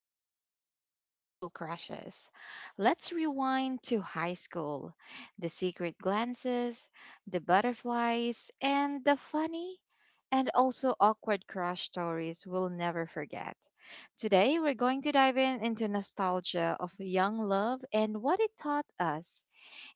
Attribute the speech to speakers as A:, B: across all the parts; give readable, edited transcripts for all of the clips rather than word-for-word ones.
A: talk about high school crushes. Let's rewind to high school, the secret glances, the butterflies, and the funny and also awkward crush stories we'll never forget. Today we're going to dive in into nostalgia of young love and what it taught us.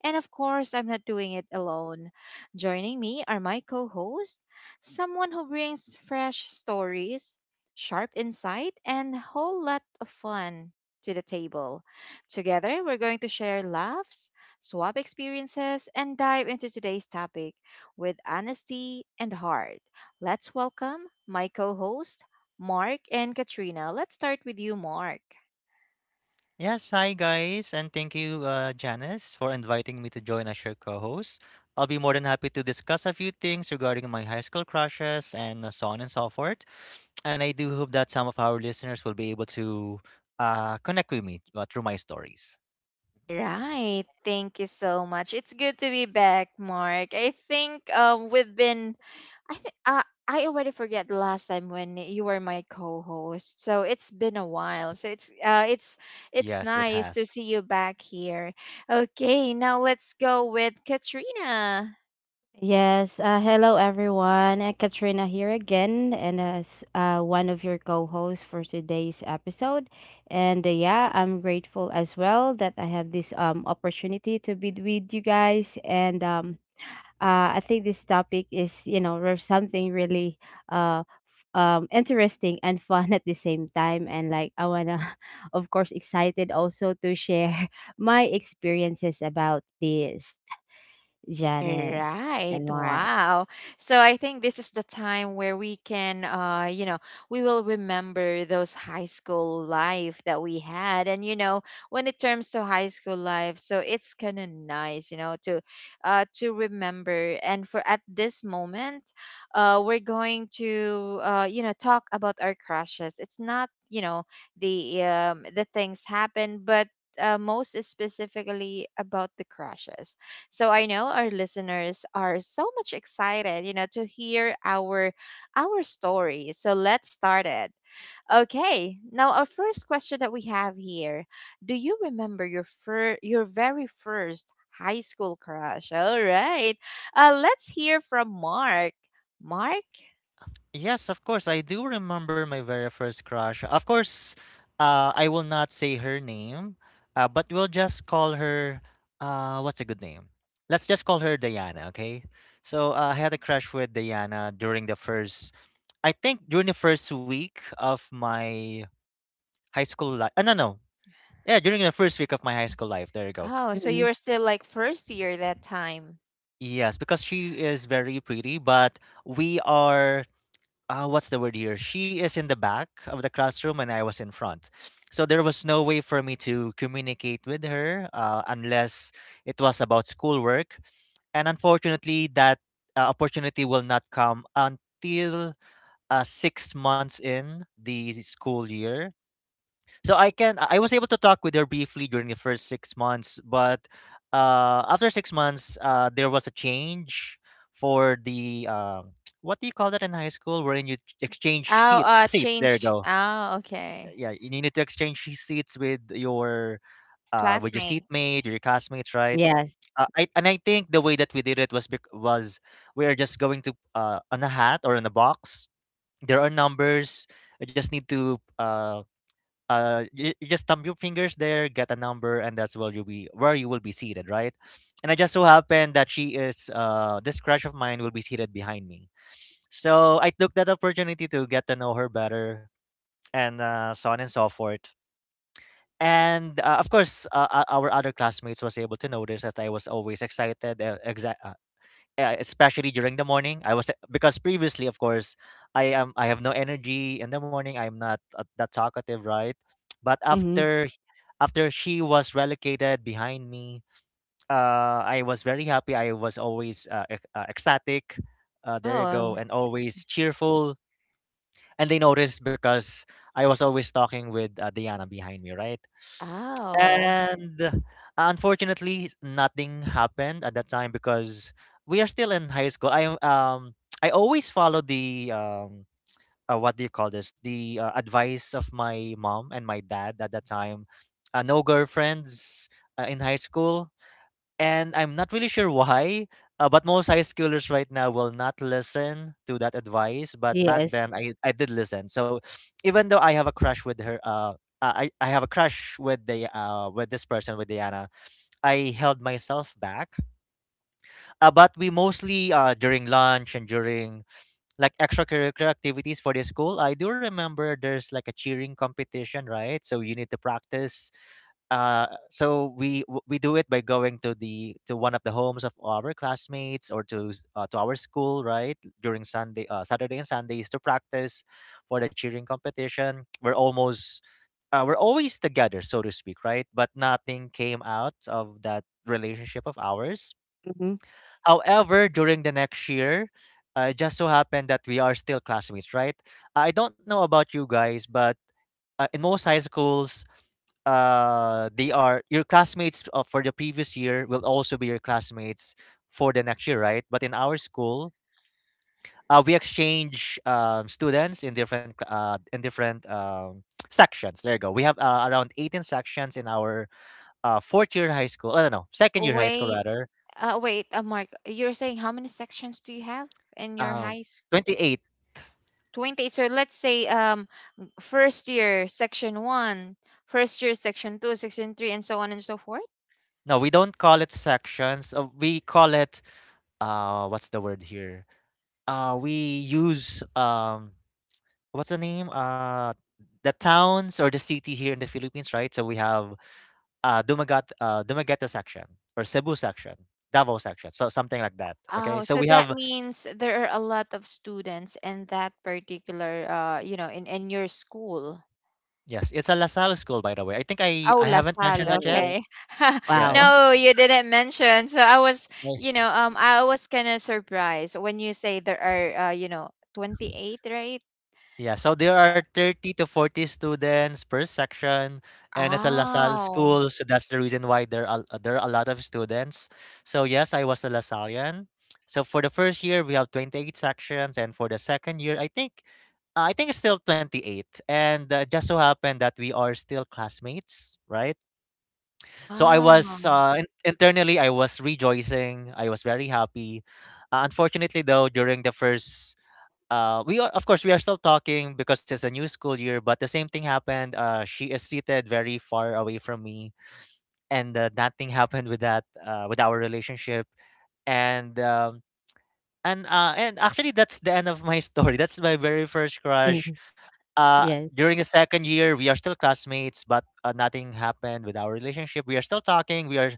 A: And of course, I'm not doing it alone. Joining me are my co host, someone who brings fresh stories, sharp insight, and a whole lot of fun to the table. Together, we're going to share laughs, swap experiences, and dive into today's topic with honesty and heart. Let's welcome my co host, Mark and Katrina. Let's start with you, Mark.
B: Yes, hi guys, and thank you, Janice, for inviting me to join as your co-host. I'll be more than happy to discuss a few things regarding my high school crushes and so on and so forth. And I do hope that some of our listeners will be able to connect with me through my stories.
A: All right. Thank you so much. It's good to be back, Mark. I think I think uh, I already forget the last time when you were my co-host. So it's been a while. So it's
B: Yes, it
A: nice to
B: has.
A: see you back here. Okay, now let's go with Katrina.
C: Yes, hello everyone. Katrina here again, and as one of your co-hosts for today's episode. And yeah, I'm grateful as well that I have this opportunity to be with you guys. And I think this topic is there's something really uh interesting and fun at the same time. And I wanna, of course, excited also to share my experiences about this,
A: All
C: Janice
A: right.
C: and Mark.
A: Wow. So I think this is the time where we can, we will remember those high school life that we had. And, when it turns to high school life, so it's kind of nice, to remember. And for at this moment, we're going to, talk about our crushes. It's not, the things happen, but, most specifically about the crushes. So I know our listeners are so much excited, to hear our story. So let's start it. Okay. Now our first question that we have here. Do you remember your very first high school crush? All right. Let's hear from Mark. Mark?
B: Yes, of course. I do remember my very first crush. Of course, I will not say her name, but we'll just call her, what's a good name? Let's just call her Diana, okay? So I had a crush with Diana during the first, I think during the first week of my high school life. No, no. Yeah, during the first week of my high school life. There you go.
A: Oh, so you
C: Mhm.
A: were still like first year that time.
B: Yes, because she is very pretty, but we are what's the word here? She is in the back of the classroom and I was in front. So there was no way for me to communicate with her unless it was about schoolwork. And unfortunately, that opportunity will not come until 6 months in the school year. So I was able to talk with her briefly during the first 6 months, but after 6 months, there was a change for the what do you call that in high school, wherein you exchange
A: Oh,
B: sheets seats. There you
A: change.
B: go.
A: Oh, okay.
B: Yeah, you need to exchange seats with your
A: Classmates.
B: seatmate, your classmates, right?
C: Yes.
B: I and I think the way that we did it was we are just going to on a hat or in a box. There are numbers. I just need to you, just thumb your fingers there, get a number, and that's where you'll be where you will be seated, right? And I just so happened that she is this crush of mine will be seated behind me, so I took that opportunity to get to know her better and so on and so forth. And of course, our other classmates was able to notice that I was always excited, especially during the morning. I was Because previously, of course, I have no energy in the morning. I'm not that talkative, right? But
C: Mhm.
B: after she was relocated behind me, I was very happy. I was always ecstatic. There you go,
A: Oh.
B: and always cheerful. And they noticed because I was always talking with Diana behind me, right?
A: Oh.
B: And unfortunately, nothing happened at that time because we are still in high school. I always follow the what do you call this? The advice of my mom and my dad at that time. No girlfriends in high school, and I'm not really sure why, but most high schoolers right now will not listen to that advice. But back
C: Yes.
B: then, I did listen. So even though I have a crush with her, I have a crush with the with this person, with Diana. I held myself back. But we mostly during lunch and during like extracurricular activities for the school. I do remember there's like a cheering competition, right? So you need to practice. So we do it by going to the to one of the homes of our classmates or to to our school, right? During Saturday and Sundays to practice for the cheering competition. We're always together, so to speak, right? But nothing came out of that relationship of ours.
C: Mhm.
B: However, during the next year, it just so happened that we are still classmates, right? I don't know about you guys, but in most high schools, they are your classmates for the previous year will also be your classmates for the next year, right? But in our school, we exchange students in different in different sections. There you go. We have around 18 sections in our fourth year high school. I don't know, second year high school
A: Way
B: rather.
A: Wait, Mark, you're saying how many sections do you have in your
B: Uh,
A: high school?
B: 28.
A: 20. So let's say first year section one, first year section 2, section 3 and so on and so forth.
B: No, we don't call it sections. We call it what's the word here? We use what's the name? The towns or the city here in the Philippines, right? So we have Dumagat Dumaguete section or Cebu section, Davao section. So something like that. Okay?
A: Oh,
B: So
A: so
B: we
A: that
B: have
A: means there are a lot of students in that particular in your school.
B: yes, it's a LaSalle school, by the way. I think
A: Oh,
B: I haven't
A: LaSalle,
B: mentioned that yet.
C: Oh,
A: okay.
B: Yeah,
C: wow.
A: No, you didn't mention. So I was,
B: it's
A: you know, um I was kind of surprised when you say there are 28, right?
B: Yeah, so there are 30 to 40 students per section, and it's a LaSalle
A: Oh.
B: school, so that's the reason why there are a lot of students. So yes, I was a LaSallian. So for the first year, we have 28 sections, and for the second year, I think it's still 28. And just so happened that we are still classmates, right? So I was
A: Oh,
B: internally I was rejoicing. I was very happy. Unfortunately though, during the first, we are of course we are still talking because it's a new school year, but the same thing happened, she is seated very far away from me, and that thing happened with that, with our relationship. And um, and uh, and actually, that's the end of my story. That's my very first crush.
C: Mhm. Yes.
B: During the second year we are still classmates, but nothing happened with our relationship. We are still talking, we are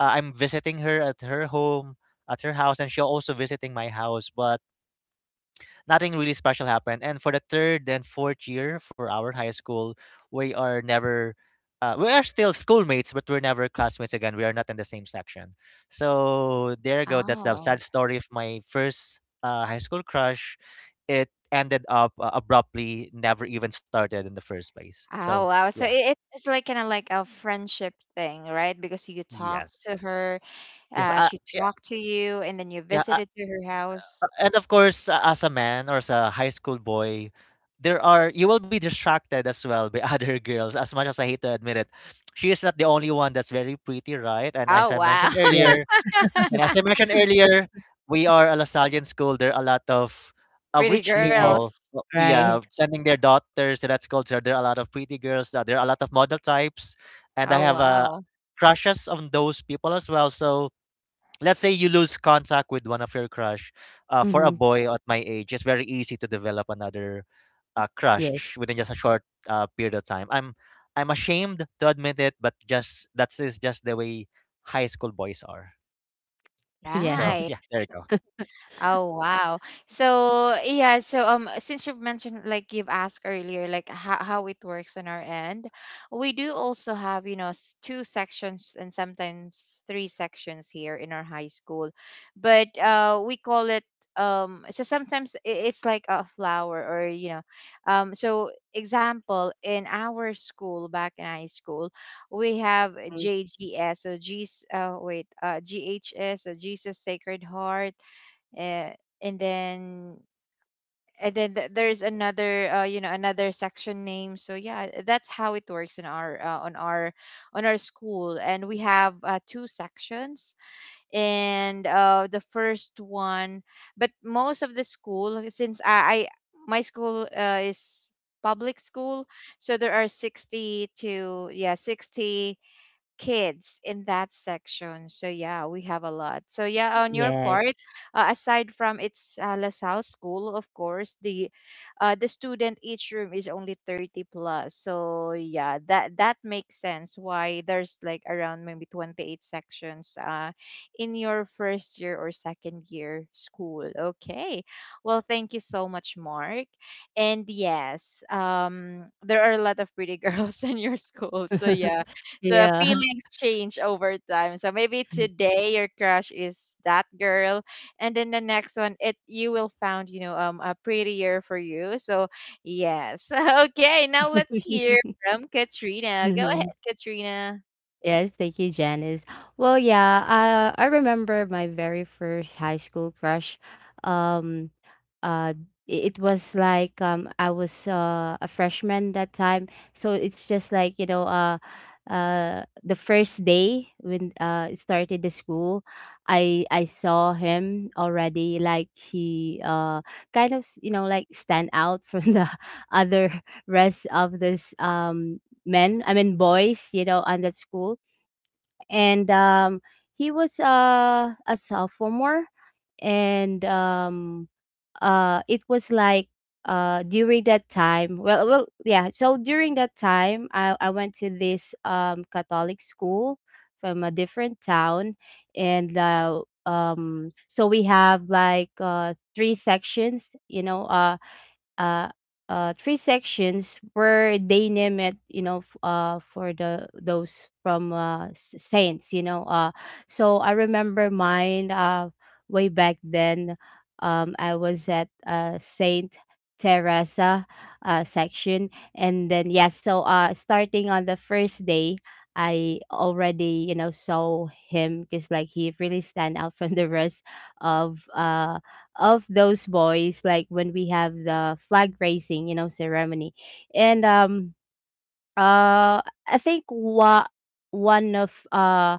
B: I'm visiting her at her home at her house, and she also visiting my house, but nothing really special happened. And for the third and fourth year for our high school, we are never, we are still schoolmates, but we're never classmates again. We are not in the same section. So there you go. That's the
A: oh,
B: sad story of my first high school crush. It ended up abruptly, never even started in the first place. So
A: Oh, wow. So
B: yeah,
A: it's like kind of like a friendship thing, right? Because you talk
B: yes,
A: to her, she
B: yeah,
A: talked to you, and then you
B: yeah.
A: visited to her house.
B: And of course, as a man or as a high school boy, there are you will be distracted as well by other girls. As much as I hate to admit it, she is not the only one that's very pretty, right? And as
A: Oh,
B: I
A: wow.
B: mentioned earlier,
C: Yes.
B: and as I mentioned earlier, we are a Lasallian school. There are a lot of
A: Pretty
B: rich
C: Yes.
A: girls.
B: people. Yeah,
C: Right.
B: sending their daughters to that school. So there are a lot of pretty girls. There are a lot of model types, and I
A: Oh,
B: have
A: wow.
B: crushes on those people as well. So let's say you lose contact with one of your crush, for a
C: Mhm.
B: boy at my age it's very easy to develop another crush
C: Yes.
B: within just a short period of time. I'm ashamed to admit it, but just that is just the way high school boys are. So
A: Right.
B: yeah,
C: Yes.
B: there you go.
A: Oh wow. So yeah, so since you've mentioned like you've asked earlier like how it works on our end, we do also have, two sections and sometimes three sections here in our high school. But we call it so sometimes it's like a flower or so example in our school back in high school we have
C: Mm.
A: JGS so G's wait GHS so Jesus Sacred Heart, uh, and then there's another, another section name, so yeah that's how it works in our on our school and we have two sections and the first one, but most of the school, since I my school is public school so there are 60 to, yeah, 60 kids in that section. So yeah, we have a lot. So yeah, on your
C: Yes.
A: part, aside from its LaSalle school, of course, the student each room is only 30 plus. So yeah, that makes sense why there's like around maybe 28 sections, in your first year or second year school. Okay. Well, thank you so much, Mark. And yes, there are a lot of pretty girls in your school. So yeah, so
C: Yeah.
A: feelings change over time. So maybe today your crush is that girl, and then the next one, it you will found a prettier for you. So yes, okay. Now let's hear from Katrina. Go ahead, Katrina.
C: Yes, thank you, Janice. Well, yeah, I remember my very first high school crush. Um, uh, it was like I was a freshman that time, so it's just like the first day when it started the school, I saw him already. Like he kind of like stand out from the other rest of this men, I mean boys, on that school. And he was a sophomore. And it was like during that time well well yeah, so during that time, I went to this Catholic school from a different town. And so we have like three sections, uh, three sections where they name it, you know, for the those from saints, you know. So I remember mine, way back then. I was at Saint Teresa section, and then yes, so starting on the first day, I already, you know, saw him because like he really stand out from the rest of uh of those boys like when we have the flag raising, you know, ceremony. And uh I think what one of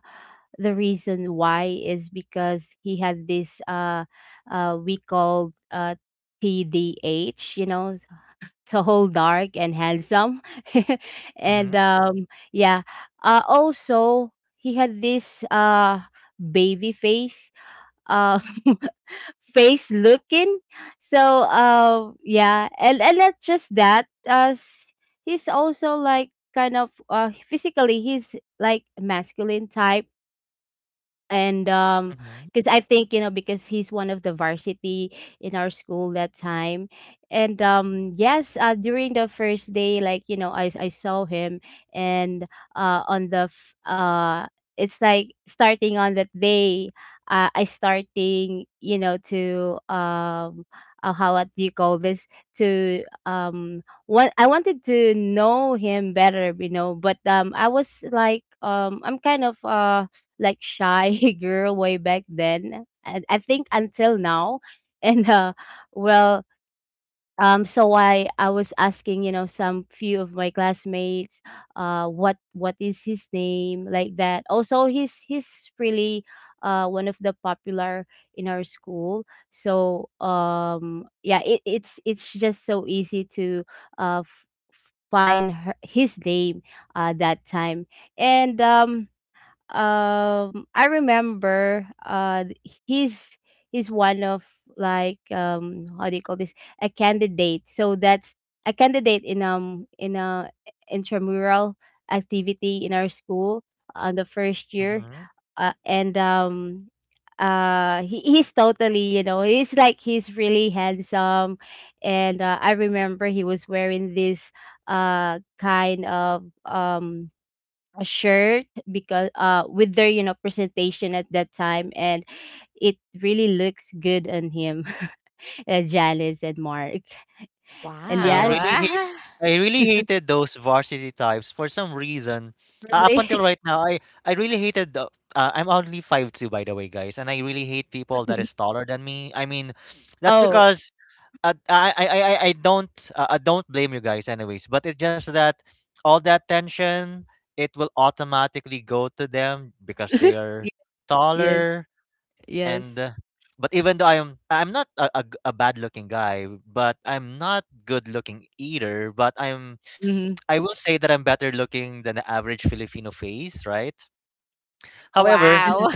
C: the reason why is because he had this we called TDH, you know, tall, dark, and handsome.
B: mm-hmm,
C: and yeah, also he had this baby face. uh. Face looking. So yeah, and not just that, as he's also like kind of physically he's like masculine type. And
B: mm-hmm,
C: because I think, you know, because he's one of the varsity in our school that time. And yes, during the first day, like you know, I saw him. And uh on the f- uh it's like starting on that day, I starting, you know, to how, what do you call this, to what, I wanted to know him better, you know. But I was like, I'm kind of like shy girl way back then, and I think until now. And well, so I was asking, you know, some few of my classmates, what is his name, like that. Also, he's really one of the popular in our school. So yeah, it's just so easy to uh. f- find her, his name, that time. And I remember he's he's one of, how do you call this, a candidate. So that's a candidate in a intramural activity in our school on the first year.
B: mm-hmm.
C: And he's totally, you know, he's really handsome. And I remember he was wearing this kind of a shirt because with their, you know, presentation at that time, and it really looks good on him. Janice and Mark.
B: I
A: Wow.
C: Elias.
B: really hate I really hated those varsity types for some reason. Up
C: Really.
B: until right now, I really hated the I'm only 5'2", by the way, guys, and I really hate people that is taller than me. I mean, that's
C: Oh.
B: because I don't I don't blame you guys anyways, but it's just that all that tension, it will automatically go to them because they
C: Y-
B: are
C: yes.
B: taller. And,
C: Yes.
B: but even though I'm not a, a bad looking guy, but I'm not good looking either, but I'm
C: Hmm.
B: I will say that I'm better looking than the average Filipino face, right? However,
A: Wow.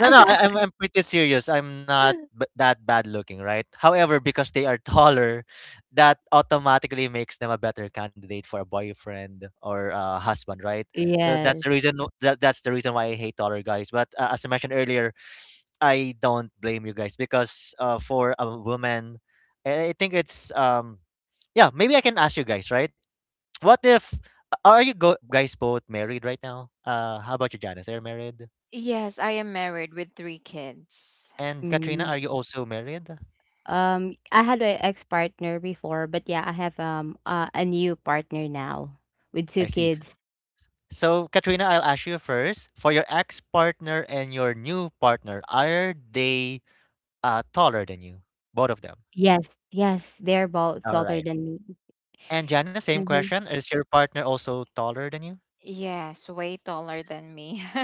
B: no, no, I'm pretty serious. I'm not that bad looking, right? However, because they are taller, that automatically makes them a better candidate for a boyfriend or a husband, right? So that's the
C: Yes.
B: reason. That's the reason why I hate taller guys. But as I mentioned earlier, I don't blame you guys because for a woman, I think it's yeah. Maybe I can ask you guys, right? What if are guys both married right now? How about you, Janice? Are you married?
A: Yes, I am married with three kids.
B: And Katrina,
C: Mm.
B: are you also married?
C: I had an ex partner before, but yeah, I have a new partner now with
B: I
C: two
B: see.
C: kids.
B: So, Katrina, I'll ask you first. For your ex-partner and your new partner, are they taller than you? Both of them.
C: Yes, yes, they're both
B: All
C: older
B: right.
C: than me.
B: And Jana, same
C: Mhm.
B: question. Is your partner also taller than you?
A: Yes, way taller than me.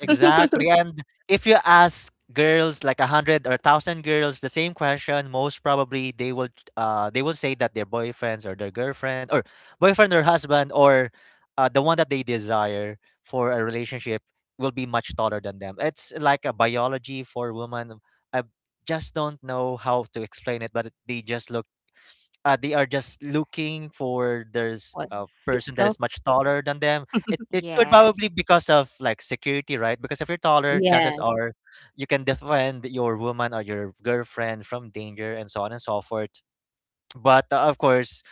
B: Exactly. And if you ask girls like a hundred or a thousand girls the same question, most probably they will say that their boyfriends or their girlfriend or boyfriend or husband or the one that they desire for a relationship will be much taller than them. It's like a biology for women. I just don't know how to explain it, but they just look they are just looking for there's
C: What
B: a person that is
C: physical.
B: much taller than them. It could
A: Yes.
B: probably because of like security, right? Because if you're taller,
C: Yeah
B: chances are you can defend your woman or your girlfriend from danger and so on and so forth. But of course,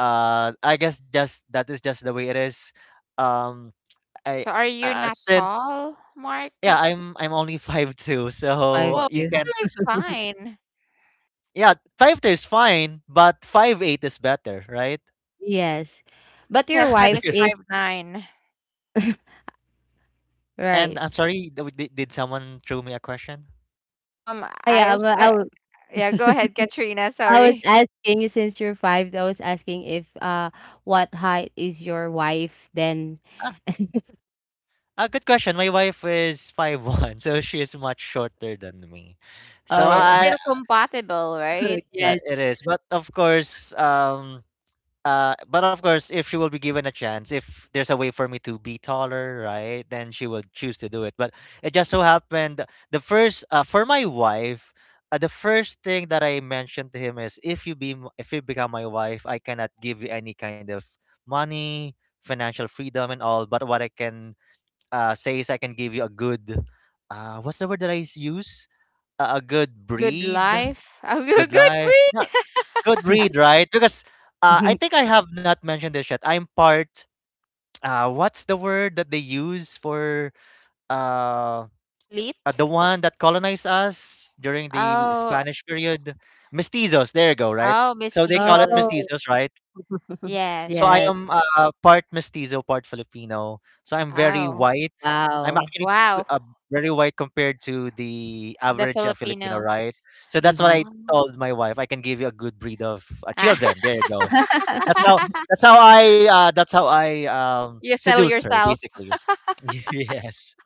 B: I guess just that is just the way it is. Um, I
A: So are you not
B: since
A: tall, Mark?
B: Yeah, I'm only 5'2",
C: wife
B: so
A: Well,
B: you
C: do.
B: can
A: virtual is fine.
B: yeah, 5'2" is fine, but 5'8" is better, right?
C: Yes. But
A: My
C: your
A: husband is
C: wife is.
A: 5'9".
B: And
C: Right.
B: I'm sorry, did someone throw me a question?
A: Um,
C: Ah,
A: I
C: yeah,
A: was,
C: well,
A: uh, yeah, go ahead, Katrina.
C: I was
A: Sorry.
C: asking since you're five, I was asking if what height is your wife then?
B: Ah, a good question. My wife is 5'1", so she is much shorter than me.
A: Oh,
B: So
A: it's
C: Oh.
B: I,
A: still compatible, right?
B: yeah,
C: Yes.
B: it is. But of course, but of course, if she will be given a chance, if there's a way for me to be taller, right, then she will choose to do it. But it just so happened the first for my wife, the first thing that I mentioned to him is if you become my wife, I cannot give you any kind of money, financial freedom, and all. But what I can say is I can give you a good, what's the word that I s- use? A good
A: Good
B: breed,
A: life. Oh,
B: good
A: good
B: life.
A: breed.
B: Good read, right? Because I think I have not mentioned this yet. I'm part. What's the word that they use for uh, the
A: Elite.
B: one that colonized us during the
A: Oh,
B: Spanish period? Mestizos. There you go. Right.
A: oh,
B: So they call it
A: mestizos.
C: Oh.
B: mestizos, right? So I
A: Yes.
C: Yes.
B: am part mestizo, part Filipino. So I'm very
A: Oh,
B: white. I'm
C: Wow.
B: actually p-
A: wow.
B: uh, Very white compared to the
A: The
B: average Filipino,
A: Filipino.
B: right? So that's what
C: Mm-hmm.
B: I
A: Oh.
B: told my wife. I can give you a good breed of children. There you go. That's how that's how I
A: You sell
B: Seduce her
A: yourself.
B: basically. Yes.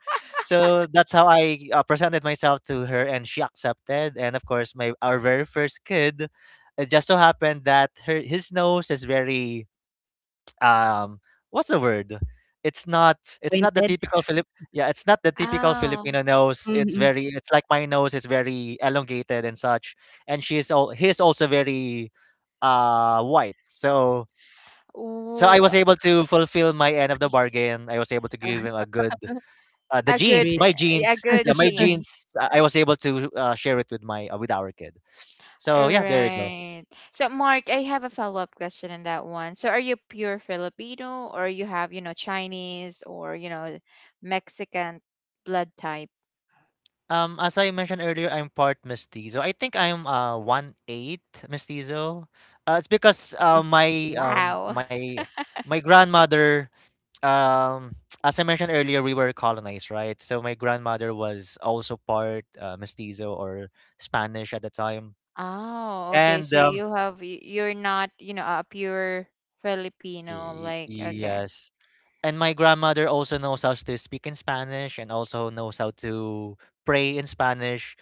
B: So that's how I presented myself to her, and she accepted. And of course, my our very first kid, it just so happened that her his nose is very um what's the word? It's not it's not the
C: Pointed.
B: typical Philip yeah it's not the typical
A: Oh.
B: Filipino nose. It's
C: Mm-hmm.
B: very it's like my nose is very elongated and such. And she is all he is also very white. So so I
A: Ooh,
B: was able to fulfill my end of the bargain. I was able to give him a good the
A: a good,
B: jeans,
C: Bridge.
B: my
A: a
B: jeans.
A: good
B: Yeah, my
A: genes.
B: jeans. I was able to share it with my with our kid. So yeah, there you go.
A: Right. So, Mark, I have a follow-up question on that one. So, are you pure Filipino or you have, Chinese or, Mexican blood type?
B: As I mentioned earlier, I'm part mestizo. I think I'm one eighth mestizo. It's because my
A: Wow.
B: my My grandmother um as I mentioned earlier, we were colonized, right? So my grandmother was also part mestizo or Spanish at the time.
A: Oh, okay.
B: And,
A: So you have you're not, a pure Filipino,
B: y
A: like, okay.
B: yes. And my grandmother also knows how to speak in Spanish and also knows how to pray in Spanish.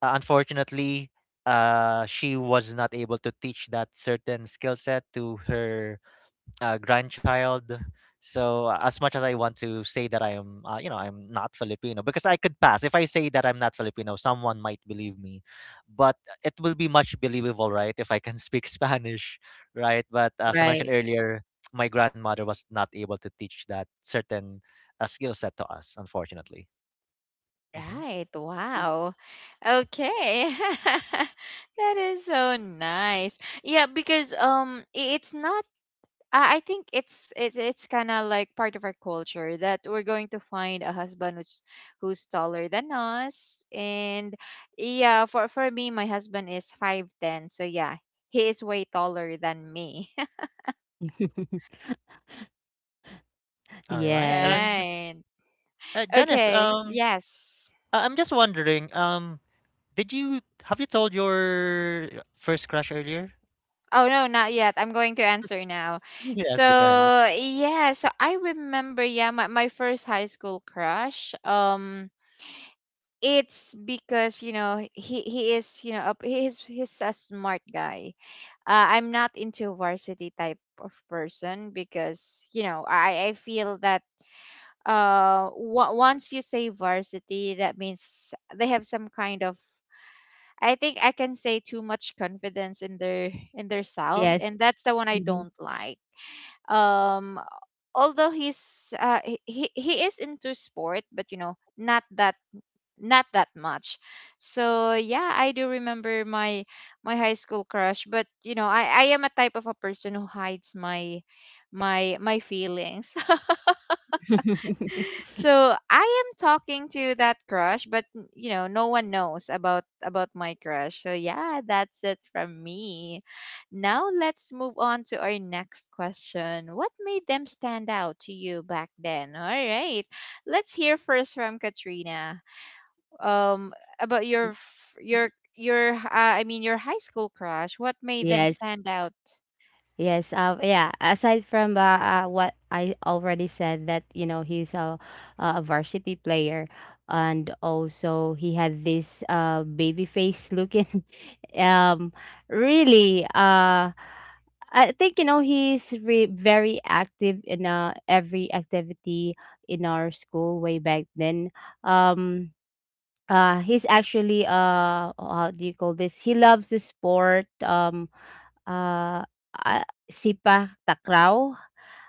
B: Unfortunately, she was not able to teach that certain skill set to her grandchild. So as much as I want to say that I am, you know, I'm not Filipino, because I could pass if I say that I'm not Filipino, someone might believe me, but it will be much believable, right? If I can speak Spanish, right? But as I mentioned
C: Right.
B: earlier, my grandmother was not able to teach that certain skill set to us, unfortunately. Mhm.
A: Right. Wow. Okay. That is so nice. Yeah, because it's not, I think it's kind of like part of our culture that we're going to find a husband who's taller than us. And yeah, for me, my husband is 5'10", so yeah, he is way taller than me.
B: All right,
C: Yes.
B: and
A: Right.
B: Janice,
A: Okay. Yes.
B: I'm just wondering, did you have you told your first crush earlier?
A: Oh no, not yet. I'm going to answer now. So
B: Yes, go ahead.
A: yeah, so I remember, yeah, my first high school crush. It's because he is he's a smart guy. I'm not into varsity type of person because I feel that once you say varsity that means they have some kind of, I think I can say, too much confidence in their self,
C: Yes.
A: and that's the one I
C: Mhm.
A: don't like. um Although he's he is into sport but not that much. So yeah, I do remember my high school crush, but I am a type of a person who hides my feelings. So I am talking to that crush, but no one knows about my crush. So yeah, that's it from me. Now let's move on to our next question. What made them stand out to you back then? All right. Let's hear first from Katrina, um about your f- your h- I mean your high school crush? What made them
C: Yes.
A: stand out?
C: Yes, yeah. Aside from what I already said, that you know a varsity player, and also he had this baby face looking, um, really I think, you know, he's very active in every activity in our school way back then. Um, he's actually, how do you call this, he loves the sport. Uh uh, sipa takraw.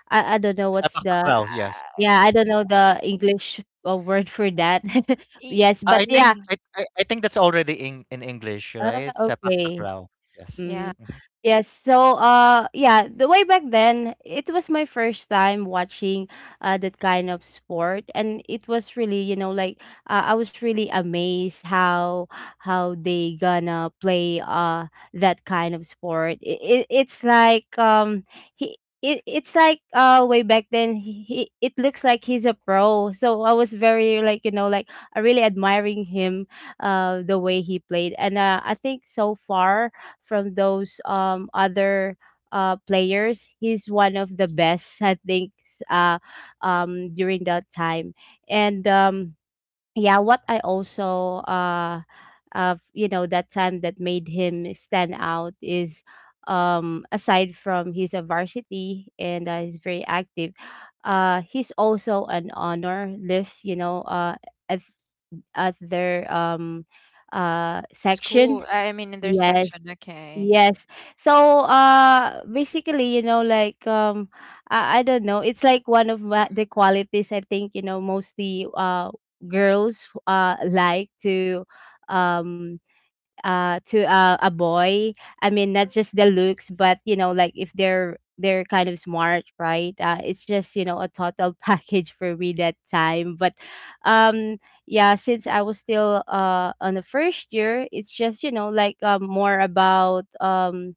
C: I don't know what's
B: Sepak
C: the.
B: takraw, yes.
A: Uh,
C: Yeah, I don't know the English word for that.
A: y-
C: Yes,
B: Ah,
C: but
B: I think
C: yeah.
A: yeah.
B: I I I think that's already in English, right?
C: uh,
B: Sepak
C: okay.
B: takraw, yes.
A: Yeah.
C: Mhm.
B: Mhm.
C: Yes. So, yeah, the way back then, it was my first time watching that kind of sport, and it was really, you know, like I was really amazed how they gonna play that kind of sport. It's like it's like way back then he it looks like he's a pro, so I was very like, you know, like I really admiring him, the way he played. And I think, so far, from those other players, he's one of the best, I think, uh during that time. And yeah, what I also of you know, that time that made him stand out is, aside from he's a varsity and he's very active, he's also an honor list, you know, at, at their section.
A: School. I mean in their
C: Yes.
A: section. Okay.
C: Yes. So, basically, you know, like, I don't know. It's like one of my, the qualities, I think, you know, mostly, girls, like um, to a boy. I mean, not just the looks, but you know, like, if they're, they're kind of smart, right? It's just, you know, a total package for me that time. But, um, yeah, since I was still on the first year, it's just, you know, like, more about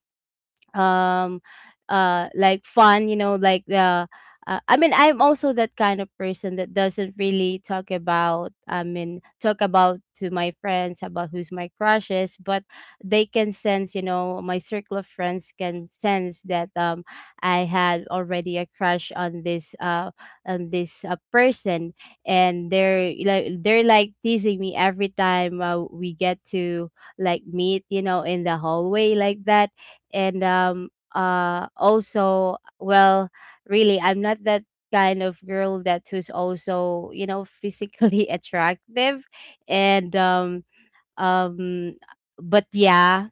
C: um like fun, you know, like the. I mean, I'm also that kind of person that doesn't really talk about, I mean, talk about to my friends about who's my crushes, but they can sense, you know, my circle of friends can sense that I had already a crush on this person, and they're like teasing me every time we get to like meet, you know, in the hallway, like that. And also, well, really, I'm not that kind of girl that who's also, you know, physically attractive. And um but yeah,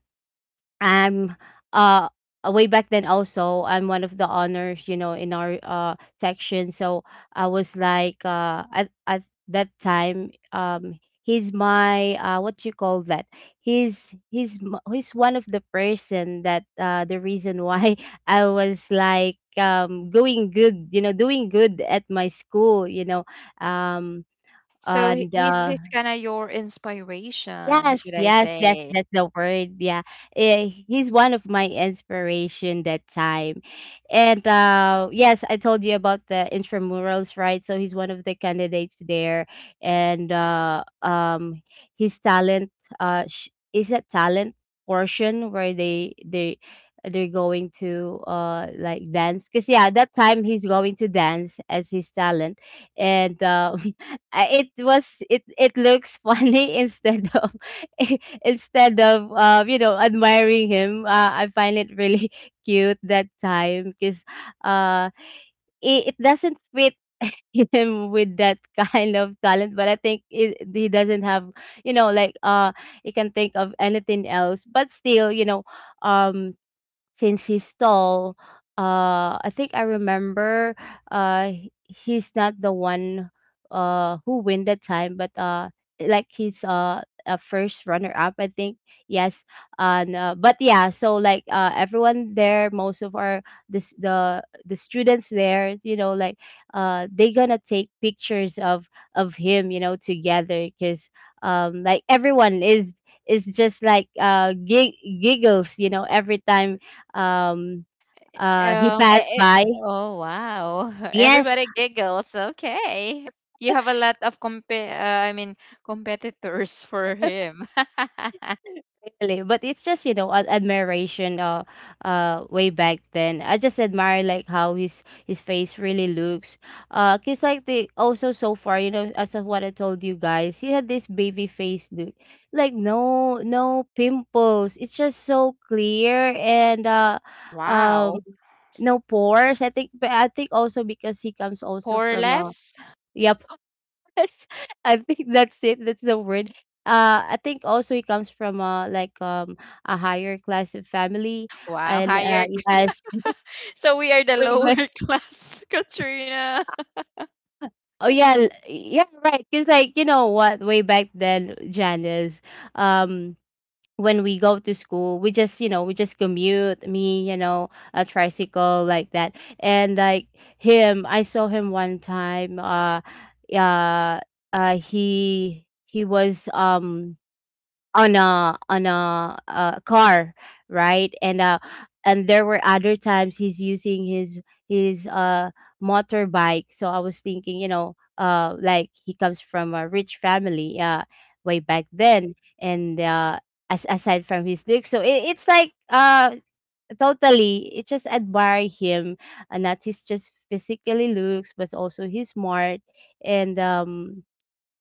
C: I'm uh way back then, also I'm one of the honors, you know, in our section. So I was like, at that time, he's my, what you call that? He's one of the person that the reason why I was like, going good, you know, doing good at my school, you know. Um
A: So he-
C: and
A: he's he's kind of your inspiration,
C: Yes,
A: should I
C: yes,
A: say?
C: that's the word. Yeah, eh, he's one of my inspiration that time, and yes, I told you about the intramurals, right? So he's one of the candidates there, and his talent, is a talent portion where they they're going to like dance, because yeah, that time he's going to dance as his talent. And it was it, it looks funny instead of instead of, you know, admiring him, I find it really cute that time, because uh, it doesn't fit him with that kind of talent. But I think he doesn't have, you know, like he can think of anything else, but still, you know, um since he's tall, I think I remember he's not the one who win that time, but like he's a first runner up, I think. Yes. And but yeah, so like everyone there, most of our, this the students there, you know, like they gonna take pictures of him, you know, together because like everyone is just like giggles, you know, every time um, he passed by.
A: Oh wow!
C: Yes.
A: Everybody giggles. Okay. You have a lot of comp. I mean, competitors for him.
C: Really, but it's just, you know, ad admiration way back then. I just admire like how his face really looks. 'Cause like the also so far, you know, as of what I told you guys, he had this baby face look. Like no no pimples. It's just so clear, and um
A: Wow.
C: no pores. I think. But I think also because he comes also from a.
A: Poreless.
C: Yeah. Yes, I think that's it. That's the word. I think also it comes from a higher class of family,
A: Wow.
C: and
A: Higher.
C: it has.
A: So we are the
C: way
A: lower
C: back-
A: class, Katrina.
C: oh yeah, right, because like you know what, way back then, Janice, um when we go to school we just, you know, we just commute me, you know, a tricycle like that. And like him, I saw him one time, uh uh, he was on a on a car, right? And there were other times he's using his his uh motorbike. So I was thinking, you know, like he comes from a rich family, way back then, and as aside from his look, so it's like totally, it just admire him, and not his just physically looks, but also he's smart and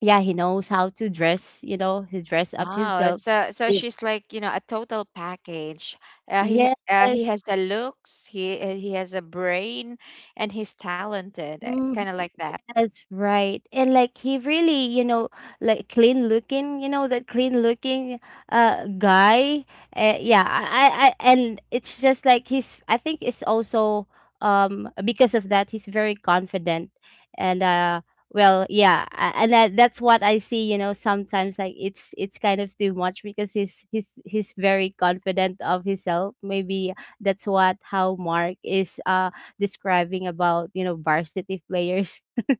C: yeah, he knows how to dress, you know, he dress up
A: Oh,
C: himself.
A: so
C: It,
A: she's like, a total package. Uh, he ha-
C: yes.
A: he has the looks, he, he has a brain, and he's talented, kind
C: Mm.
A: of like that.
C: That's right. And like he really, you know, like clean looking, you know, that clean looking guy. Yeah, I and it's just like he's, I think it's also because of that he's very confident and well, yeah, and that's what I see, you know, sometimes like it's kind of too much because he's very confident of himself. Maybe that's what how Mark is describing about, you know, varsity players.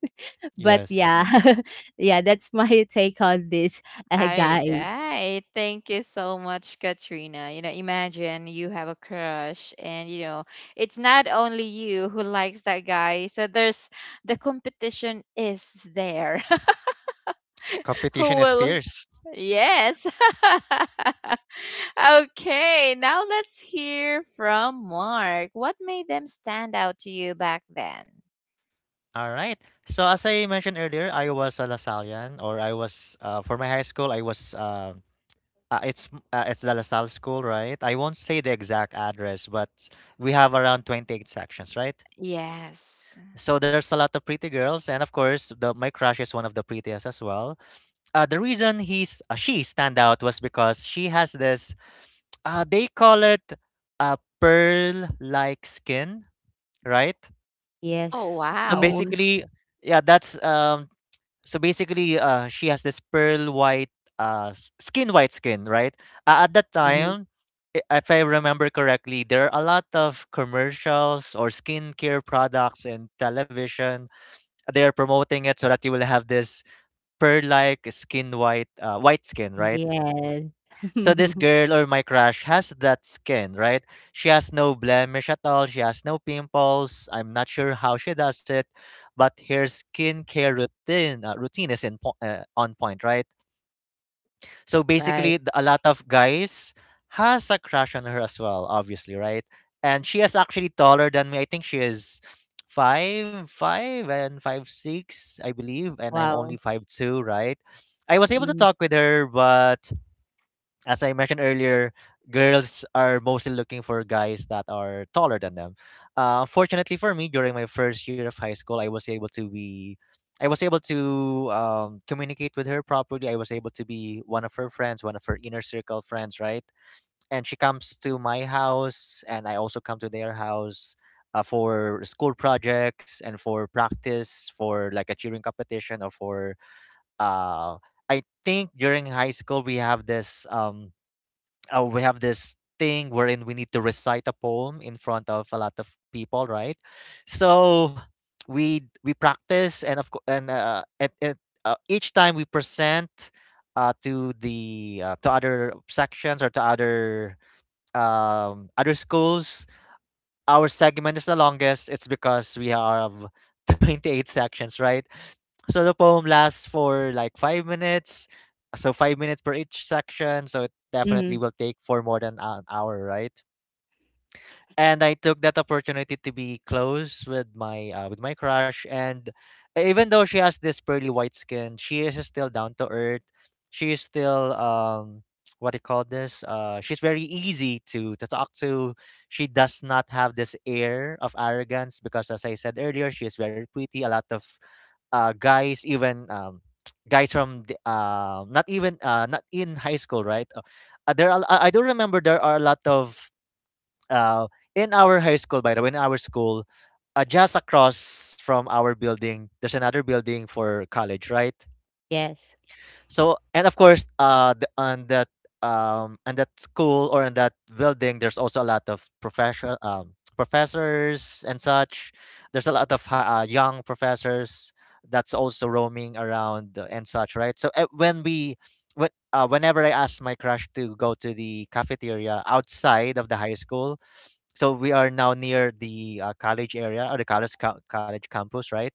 C: But
B: Yes.
C: yeah, yeah, that's my take on this,
A: All
C: guys.
A: right. Thank you so much, Katrina. Imagine you have a crush and, it's not only you who likes that guy. So there's, the competition is there. Who
B: Competition is
A: will.
B: fierce.
A: Yes. Okay, now let's hear from Mark. What made them stand out to you back then?
B: Alright. So as I mentioned earlier, I was a Lasallian or I was for my high school I was it's the LaSalle school, right? I won't say the exact address, but we have around 28 sections, right?
A: Yes.
B: So there's a lot of pretty girls and of course the my crush is one of the prettiest as well. The reason he's She stand out was because she has this they call it a pearl like skin, right?
A: Oh,
C: Yes.
B: so
A: wow.
C: Mm-hmm.
B: basically yeah that's so basically She has this pearl white s- skin white skin, right? At that
C: Hmm.
B: time, I- if I remember correctly, there are a lot of commercials or skincare products in television. They're promoting it so that you will have this pearl like skin white white skin, right?
C: Yes.
B: So this girl or my crush has that skin, right? She has no blemish at all. She has no pimples. I'm not sure how she does it, but her skincare routine routine is in on point, right? So basically,
C: Right.
B: a lot of guys has a crush on her as well, obviously, right? And she is actually taller than me. I think she is five five and five six, I believe, and I'm only
C: Wow.
B: 5'2", right? I was able to
C: Mm-hmm.
B: talk with her, but as I mentioned earlier, girls are mostly looking for guys that are taller than them. Fortunately for me, during my first year of high school, I was able to communicate with her properly. I was able to be one of her friends, one of her inner circle friends, right? And she comes to my house, and I also come to their house. For school projects and for practice for like a cheering competition or for uh I think during high school we have this thing wherein we need to recite a poem in front of a lot of people, right? So we practice, and of course, each time we present to other sections or to other other schools, our segment is the longest, it's because we have 28 sections, right? So the poem lasts for like 5 minutes. So 5 minutes per each section. So it definitely
C: Mm-hmm.
B: will take for more than an hour, right? And I took that opportunity to be close with my crush. And even though she has this pearly white skin, she is still down to earth. She is still what do you call this? She's very easy to talk to. She does not have this air of arrogance because, as I said earlier, she is very pretty. A lot of guys, even guys from the, not in high school, right? There are, I do remember there are a lot of uh, in our high school, by the way, in our school, just across from our building, there's another building for college, right?
C: Yes.
B: So and of course, on that school or in that building, there's also a lot of professional professors and such. There's a lot of young professors that's also roaming around and such, right? So when we when whenever I ask my crush to go to the cafeteria outside of the high school, so we are now near the college area or the college co- college campus, right?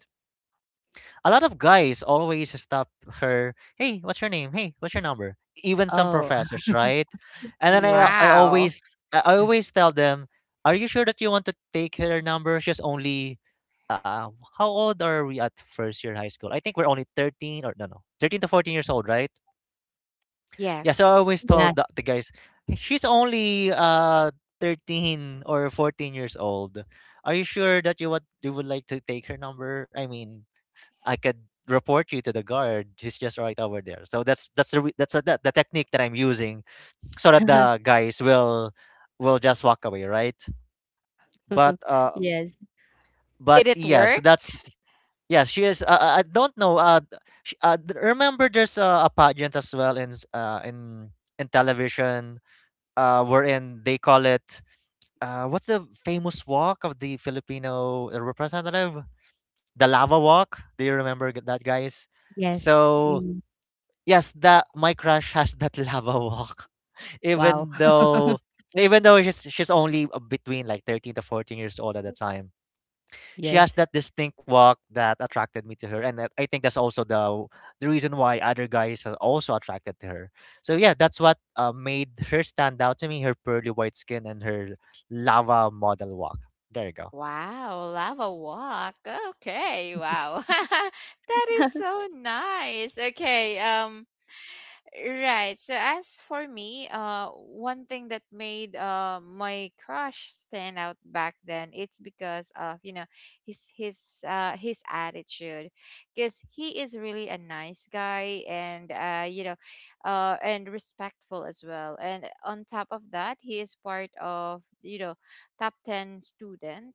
B: A lot of guys always stop her. Hey, what's your name? Hey, what's your number? Even some
C: Oh,
B: professors, right? And then
C: yeah.
A: Wow.
B: I always tell them, are you sure that you want to take her number? She's only how old are we at first year high school? I think we're only 13 or no, 13 to 14 years old, right? Yeah, so I
A: Yes.
B: always
C: Yeah.
B: told the guys, "Hey, she's only 13 or 14 years old. Are you sure that you what you would like to take her number? I mean, I could report you to the guard. He's just right over there." So that's the re- that's a, the technique that I'm using, so that the guys will just walk away, right? But uh,
C: Yes.
B: but
A: Did it
B: yes,
A: work?
B: that's yes. She is. I don't know. Remember there's a pageant as well in s- in television. Wherein they call it what's the famous walk of the Filipino representative? The lava walk. Do you remember that, guys?
C: Yes.
B: So
C: Mm.
B: yes, the my crush has that lava walk.
C: Wow.
B: Even though she's only between like 13 to 14 years old at the time. She has
C: Yes.
B: that distinct walk that attracted me to her I think that's also the reason why other guys are also attracted to her. So yeah, that's what made her stand out to me, her pearly white skin and her lava model walk. There you
A: Wow, lava walk. Okay, wow. That is so nice. Okay, right. So as for me, one thing that made, my crush stand out back then, it's because of, his his attitude, because he is really a nice guy and, and respectful as well. And on top of that, he is part of, top 10 student.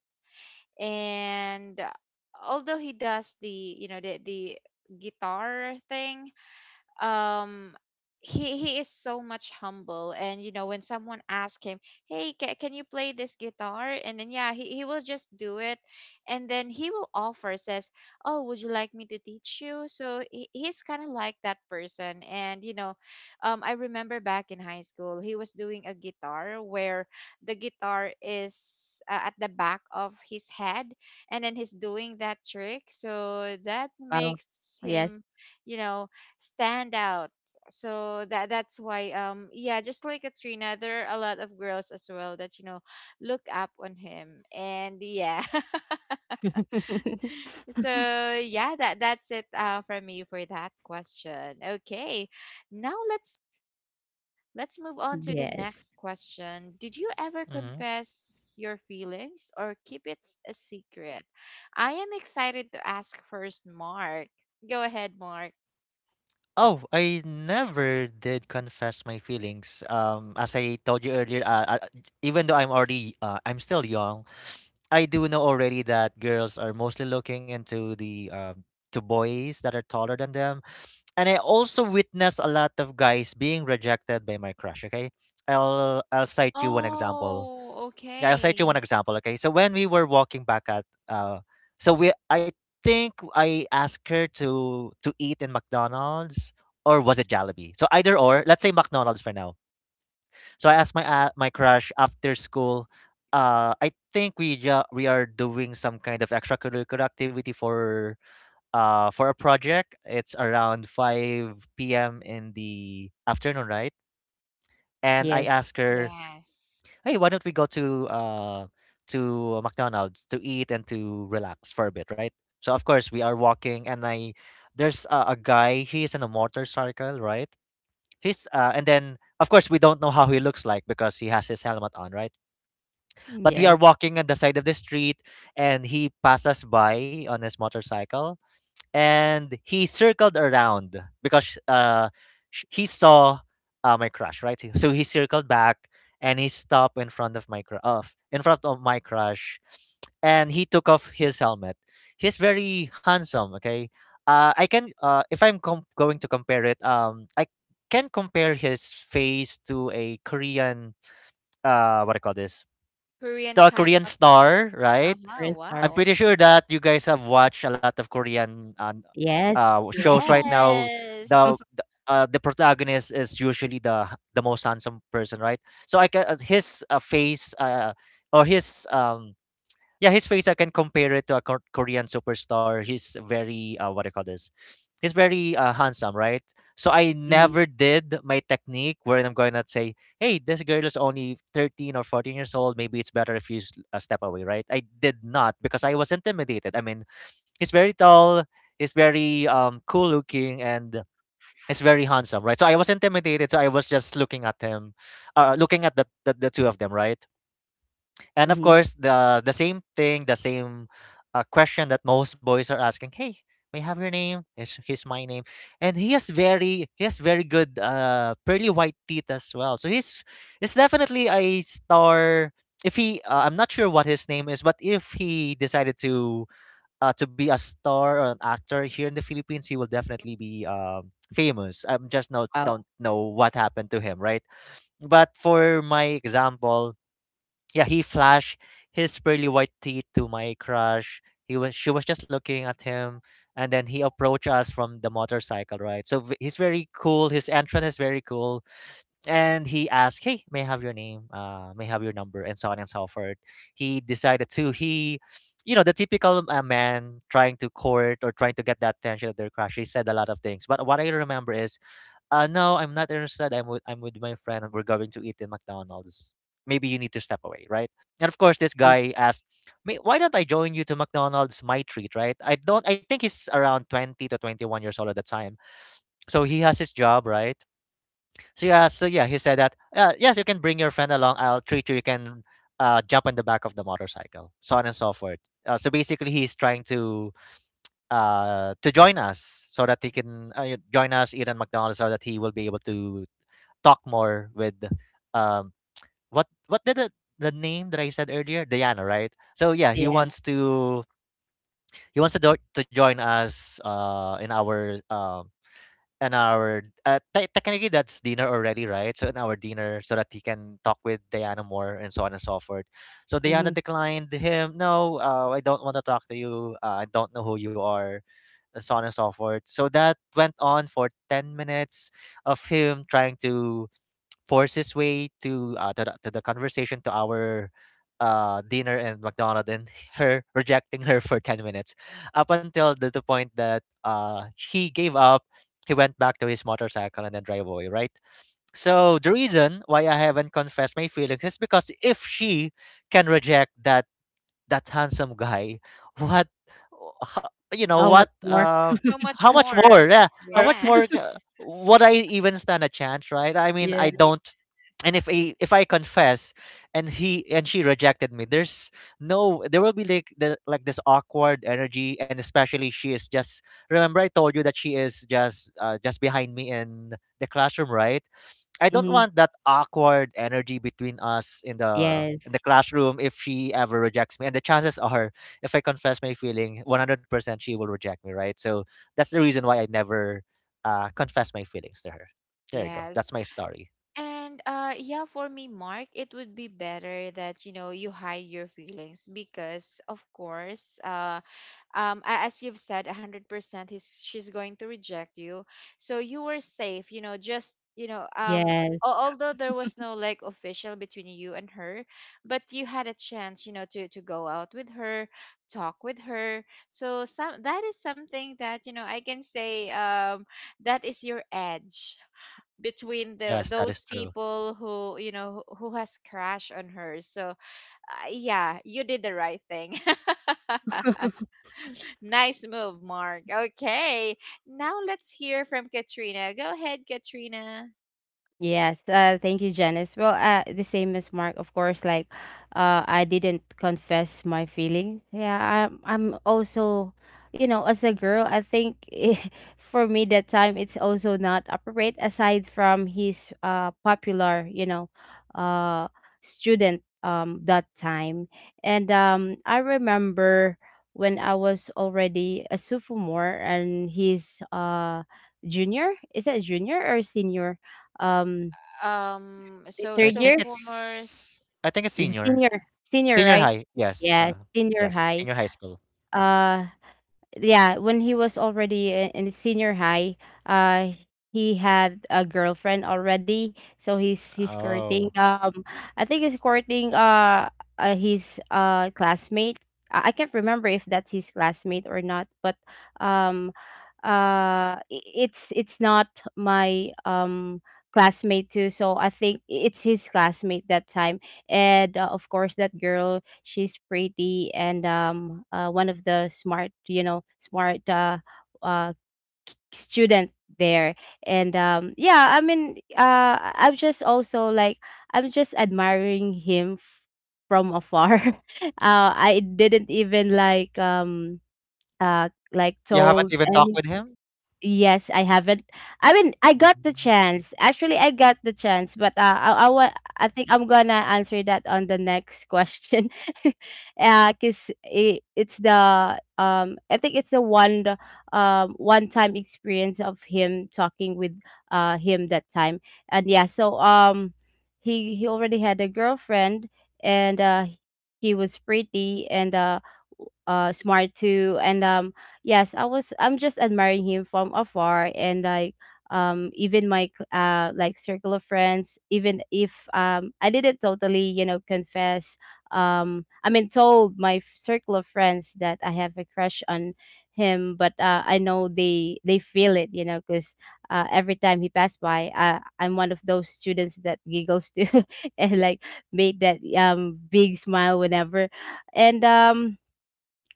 A: And although he does the you know the guitar thing, um he is so much humble and, when someone asks him, "Hey, can you play this guitar?" And then, yeah, he will just do it, and then he will offer, says, "Oh, would you like me to teach you?" So he's kind of like that person, and, I remember back in high school he was doing a guitar where the guitar is, at the back of his head, and then he's doing that trick, so that
C: Wow.
A: makes
C: Yes.
A: him, you know, stand out. So that's why, yeah, just like Katrina, there are a lot of girls as well that, look up on him. And yeah. So yeah, that's it, for me for that question. Okay. Now let's move on to the
C: Yes.
A: next question. Did you ever
B: go.
A: confess your feelings or keep it a secret? I am excited to ask first Mark. Go ahead, Mark.
B: Oh, I never did confess my feelings. As I told you earlier, even though I'm still young, I do know already that girls are mostly looking into the to boys that are taller than them, and I also witness a lot of guys being rejected by my crush. Okay, I'll cite you one example.
A: Oh,
B: Yeah, I'll cite you one
A: okay.
B: example. Okay, so when we were walking back at, I think I asked her to eat in McDonald's or was it Jollibee? So either or, let's say McDonald's for now. So I asked my crush after school. I think we are doing some kind of extracurricular activity for a project. It's around five p.m. in the afternoon, right? And I
C: Yes.
B: asked her,
A: Yes.
B: hey, why don't we go to McDonald's to eat and to relax for a bit, right? So of course we are walking, and I there's a guy. He's in a motorcycle, right? He's and then of course we don't know how he looks like because he has his helmet on, right? But we
C: Yes.
B: are walking on the side of the street, and he passes by on his motorcycle, and he circled around because he saw my crush, right? So he circled back and he stopped in front of in front of my crush, and he took off his helmet. He's very handsome. Okay, I can if I'm com- going to compare it, I can compare his face to a Korean, what I call this
A: Korean
B: the
A: type
B: Korean
A: of.
B: star, right?
A: Uh-huh,
C: Three star.
B: I'm
A: wow.
B: pretty sure that you guys have watched a lot of Korean uh,
C: Yes.
B: uh, shows right now. The
A: Yes.
B: the, uh, the protagonist is usually the most handsome person, right? So I can his face or his yeah, his face I can compare it to a Korean superstar. He's very what do you call this? He's very handsome, right? So I never did my technique where I'm going to say, "Hey, this girl is only 13 or 14 years old. Maybe it's better if you step away," right? I did not because I was intimidated. I mean, he's very tall, he's very cool looking, and he's very handsome, right? So I was intimidated, so I was just looking at him, looking at the two of them, right? And of
C: Mm-hmm.
B: course, the same thing, the same question that most boys are asking. Hey, may I have your name? Is here's my name. And he has very good pearly white teeth as well. So he's definitely a star. If I'm not sure what his name is, but if he decided to be a star or an actor here in the Philippines, he will definitely be famous. I'm just not
C: Wow.
B: don't know what happened to him, right? But for my example, yeah, he flashed his pearly white teeth to my crush. He was She was just looking at him, and then he approached us from the motorcycle, right? He's very cool. His entrance is very cool, and he asked, "Hey, may I have your name? May I have your number?" And so on and so forth. He decided to he, You know, the typical man trying to court or trying to get the attention of their crush. He said a lot of things, but what I remember is no, I'm not interested. I'm with my friend, and we're going to eat in McDonald's. Maybe you need to step away, right? And of course, this
C: Mm.
B: guy asked me, "Why don't I join you to McDonald's? My treat, right?" I don't. I think he's around 20 to 21 years old at the time, so he has his job, right? So yeah, he said that. Yes, you can bring your friend along. I'll treat you. You can jump on the back of the motorcycle, so on and so forth. So basically, he's trying to join us so that he can join us eat at McDonald's so that he will be able to talk more with um what what did the, the name that I said earlier, Diana, right? So yeah, he
C: Yeah.
B: wants to he wants to do, to join us in our technically that's dinner already, right? So in our dinner, so that he can talk with Diana more and so on and so forth. So Diana
C: Mm-hmm.
B: declined him. No, I don't want to talk to you. I don't know who you are, and so on and so forth. So that went on for 10 minutes of him trying to force his way to to the conversation, to our dinner and McDonald, and her rejecting her for 10 minutes up until the point that he gave up. He went back to his motorcycle and then drive away, right? So the reason why I haven't confessed my feelings is because if she can reject that handsome guy, what, you know,
C: How much
B: what
C: more?
A: So much
B: how much
A: more.
B: more, yeah, how
C: Or.
B: much
A: Yeah.
B: more, would I even stand a chance, right? I mean,
C: Yeah.
B: I don't. And
A: Yes.
B: if I confess and he and she rejected me, there's no there will be like like this awkward energy, and especially she is just, remember I told you that she is just behind me in the classroom, right? I don't
C: Mhm.
B: want that awkward energy between us in
C: Yes.
B: the classroom if she ever rejects me. And the chances are, if I confess my feeling, 100% she will reject me, right? So that's the reason why I never confess my feelings to her. There you go.
A: Yes.
B: That's my story.
A: And yeah, for me, Mark, it would be better that you know you hide your feelings because of course, as you've said 100% he's she's going to reject you, so you were safe, you know, just
C: Yes.
A: although there was no like official between you and her, but you had a chance, you know, to go out with her, talk with her. So some that is something that, you know, I can say, um, that is your edge between the
B: Yes, that is
A: those
B: true.
A: people who, you know, who has crashed on her. So yeah, you did the right thing. Nice move, Mark. Okay. Now let's hear from Katrina. Go ahead, Katrina.
C: Yes, thank you, Janice. Well, the same as Mark, of course. Like, I didn't confess my feelings. Yeah, I'm. I'm also, you know, as a girl, I think for me that time it's also not appropriate. Aside from his popular, you know, uh student that time, and I remember when I was already a sophomore and he's junior. Is that junior or senior? um,
A: Um,
C: the
A: so
B: I
C: third
B: think
C: year,
B: it's
A: sophomores.
B: I think it's
C: is it senior, senior,
B: senior
A: Yeah.
C: right?
B: high. Yes,
C: Yeah, senior
B: yes,
C: high.
B: senior high school.
C: Uh, yeah, when he was already in senior high, uh, he had a girlfriend already, so he's courting.
B: Oh,
C: I think he's courting uh, his classmate. I can't remember if that's his classmate or not, but um, it's not my classmate too. So I think it's his classmate that time, and of course that girl she's pretty and one of the smart, you know, smart uh, student there and yeah, I mean I'm just also like I'm just admiring him from afar. Uh, I didn't even like
B: you haven't
C: told
B: even talked with
C: and.
B: him.
C: Yes, I haven't. I mean, I got the
B: Mhm.
C: chance. Actually, I got the chance, but I think I'm gonna answer that on the next question. Cause it's the I think it's the, one time experience of him talking with him that time, and yeah, so he already had a girlfriend, and he was pretty and smart too, and yes I was, I'm just admiring him from afar. And like even my like circle of friends, even if I didn't totally, you know, confess, I mean told my circle of friends that I have a crush on him, but uh I know they feel it, you know, because uh every time he passed by uh I'm one of those students that giggles too. And like made that big smile whenever. And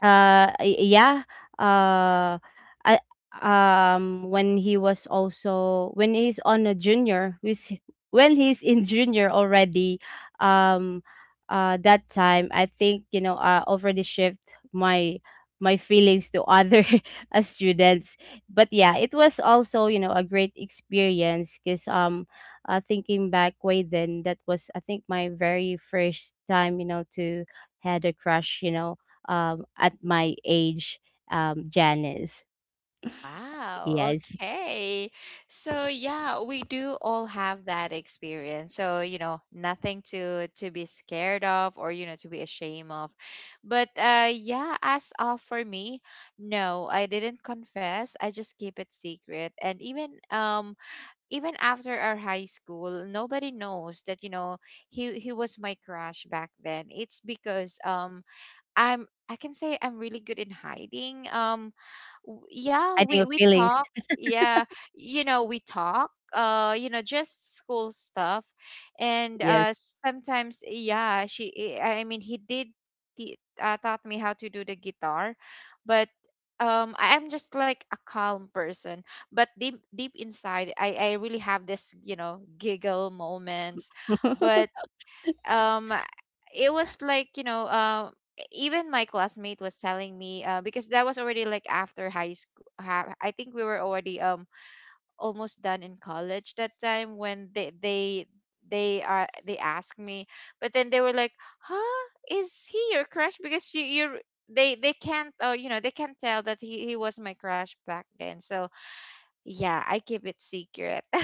C: y Yeah, uh, I when he was also, when he's on a junior, with when he's in junior already, um, that time I think you know I already shift my my feelings to other uh students. But yeah, it was also you know a great experience because thinking back way then, that was I think my very first time you know to had a crush, you know, at my age, Janice.
A: Wow.
C: Yes,
A: Okay. So yeah, we do all have that experience. So, you know, nothing to be scared of, or you know, to be ashamed of. But yeah, as of for me, no, I didn't confess. I just keep it secret. And even after our high school, nobody knows that, you know, he was my crush back then. It's because I'm, I can say I'm really good in hiding. Yeah,
C: I think of
A: we
C: feelings.
A: talk, yeah, you know, we talk, you know, just school stuff. And
C: Yes.
A: uh, sometimes yeah, she eh, I mean, he did taught me how to do the guitar. But I- I'm just like a calm person, but deep inside I really have this, you know, giggle moments. But um it was like, you know, even my classmate was telling me, because that was already like after high school. I think we were already, um, almost done in college that time when they asked me. But then they were like, huh, is he your crush? Because you, they can't, oh, you know, they can't tell that he was my crush back then. So yeah, I keep it secret.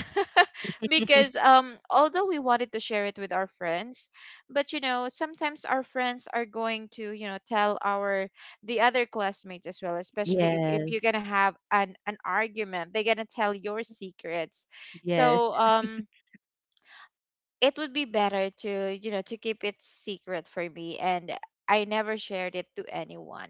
A: Because um, although we wanted to share it with our friends, but you know, sometimes our friends are going to, you know, tell our the other classmates as well, especially if you're
C: Yes,
A: gonna have an argument, they're gonna tell your secrets.
C: yes,
A: So um, it would be better to, you know, to keep it secret for me, and I never shared it to anyone.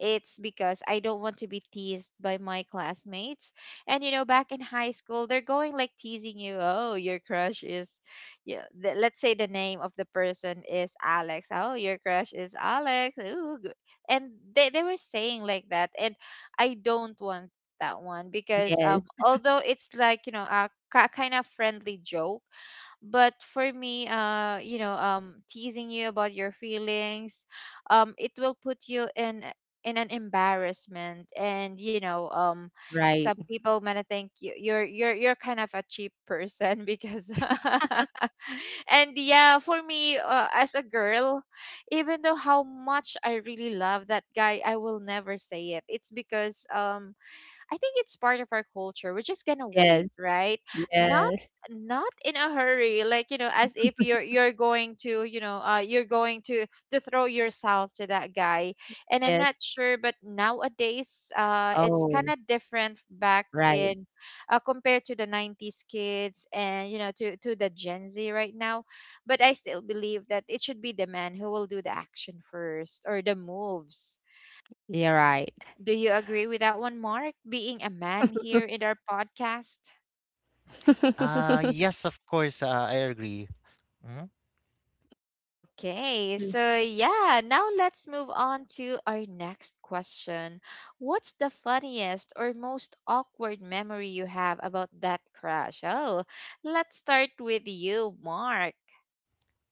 A: It's because I don't want to be teased by my classmates. And you know, back in high school, they're going like teasing you. Oh, your crush is, yeah. Let's say the name of the person is Alex. Oh, your crush is Alex. Ooh, and they were saying like that. And I don't want that one, because
C: yes,
A: um, although it's like, you know, a kind of friendly joke, but for me, you know, um, teasing you about your feelings, um, it will put you in an embarrassment, and you know, um,
C: right.
A: some people might think you're you're kind of a cheap person because. And yeah, for me, as a girl, even though how much I really love that guy, I will never say it. It's because um, I think it's part of our culture. We're just gonna
C: Yes,
A: wait, right? Not
C: yes,
A: Not in a hurry, like you know, as if you're going to, you know, you're going to throw yourself to that guy. And I'm
C: yes.
A: not sure, but nowadays it's kind
C: Oh,
A: of different back
C: right.
A: in compared to the '90s kids, and you know, to the gen z right now. But I still believe that it should be the man who will do the action first, or the moves.
C: You're right.
A: Do you agree with that one, Mark? Being a man here in our podcast?
B: Yes, of course. I agree. Mm-hmm.
A: Okay, so yeah, now let's move on to our next question. What's the funniest or most awkward memory you have about that crash? Oh, let's start with you, Mark.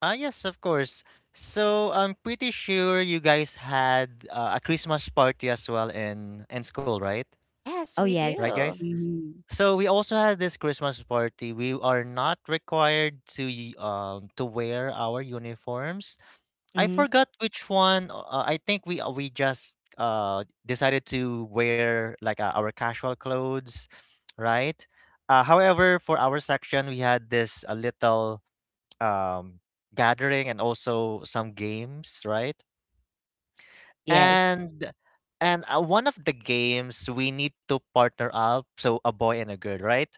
B: Ah, yes, of course. So I'm pretty sure you guys had a Christmas party as well in school, right?
A: Yes,
C: Oh,
A: we
B: Right,
C: yes.
B: guys.
A: do.
C: Mm-hmm.
B: So we also had this Christmas party. We are not required to to wear our uniforms. I
C: Mm-hmm.
B: forgot which one. I think we just decided to wear like our casual clothes, right? However, for our section, we had this a little um, gathering and also some games, right?
C: Yes.
B: And and One of the games we need to partner up, so a boy and a girl, right?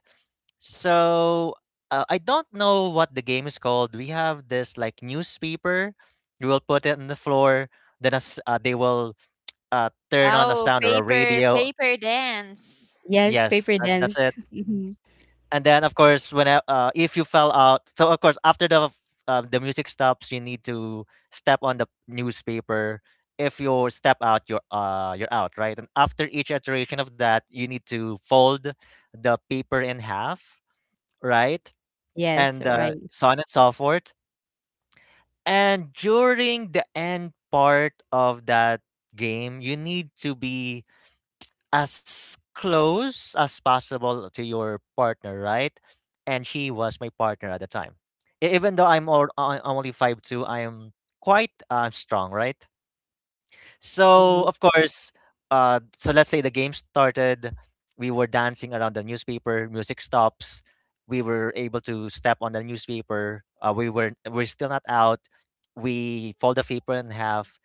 B: So I don't know what the game is called. We have this like newspaper. You will put it on the floor. Then as they will turn on a
A: Oh,
B: sound or a
A: paper,
B: radio.
A: paper dance.
C: Yes,
B: Yes,
C: paper
B: that's
C: dance.
B: it.
C: Mhm.
B: And then of course when if you fell out. So of course after the music stops you need to step on the newspaper. If you step out you're out, right? And after each iteration of that you need to fold the paper in half, right?
C: Yes,
B: And
C: right.
B: so on and so forth. And during the end part of that game you need to be as close as possible to your partner, right? And she was my partner at the time. Even though I'm only 5'2", I am quite strong, right? So,
C: Mhm.
B: of course, so let's say the game started. We were dancing around the newspaper, music stops. We were able to step on the newspaper. We're still not out. We fold the paper in half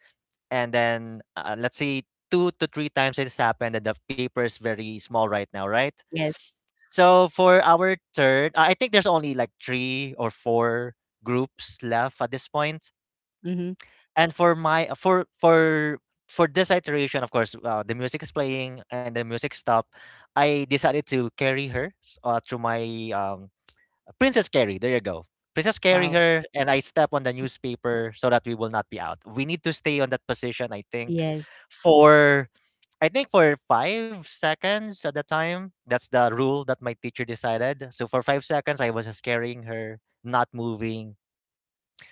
B: and then, let's say 2 to 3 times it's happened and the paper is very small right now, right?
C: Yes.
B: So for our third, I think there's only like 3 or 4 groups left at this point.
C: Mhm.
B: And for my for this iteration, of course, the music is playing and the music stop. I decided to carry her through my um, Princess Carrie, there you go. Princess Carrie
C: Wow.
B: her, and I step on the newspaper so that we will not be out. We need to stay on that position,
C: Yes.
B: for I think for 5 seconds at the time. That's the rule that my teacher decided. So for 5 seconds, I was just carrying her, not moving.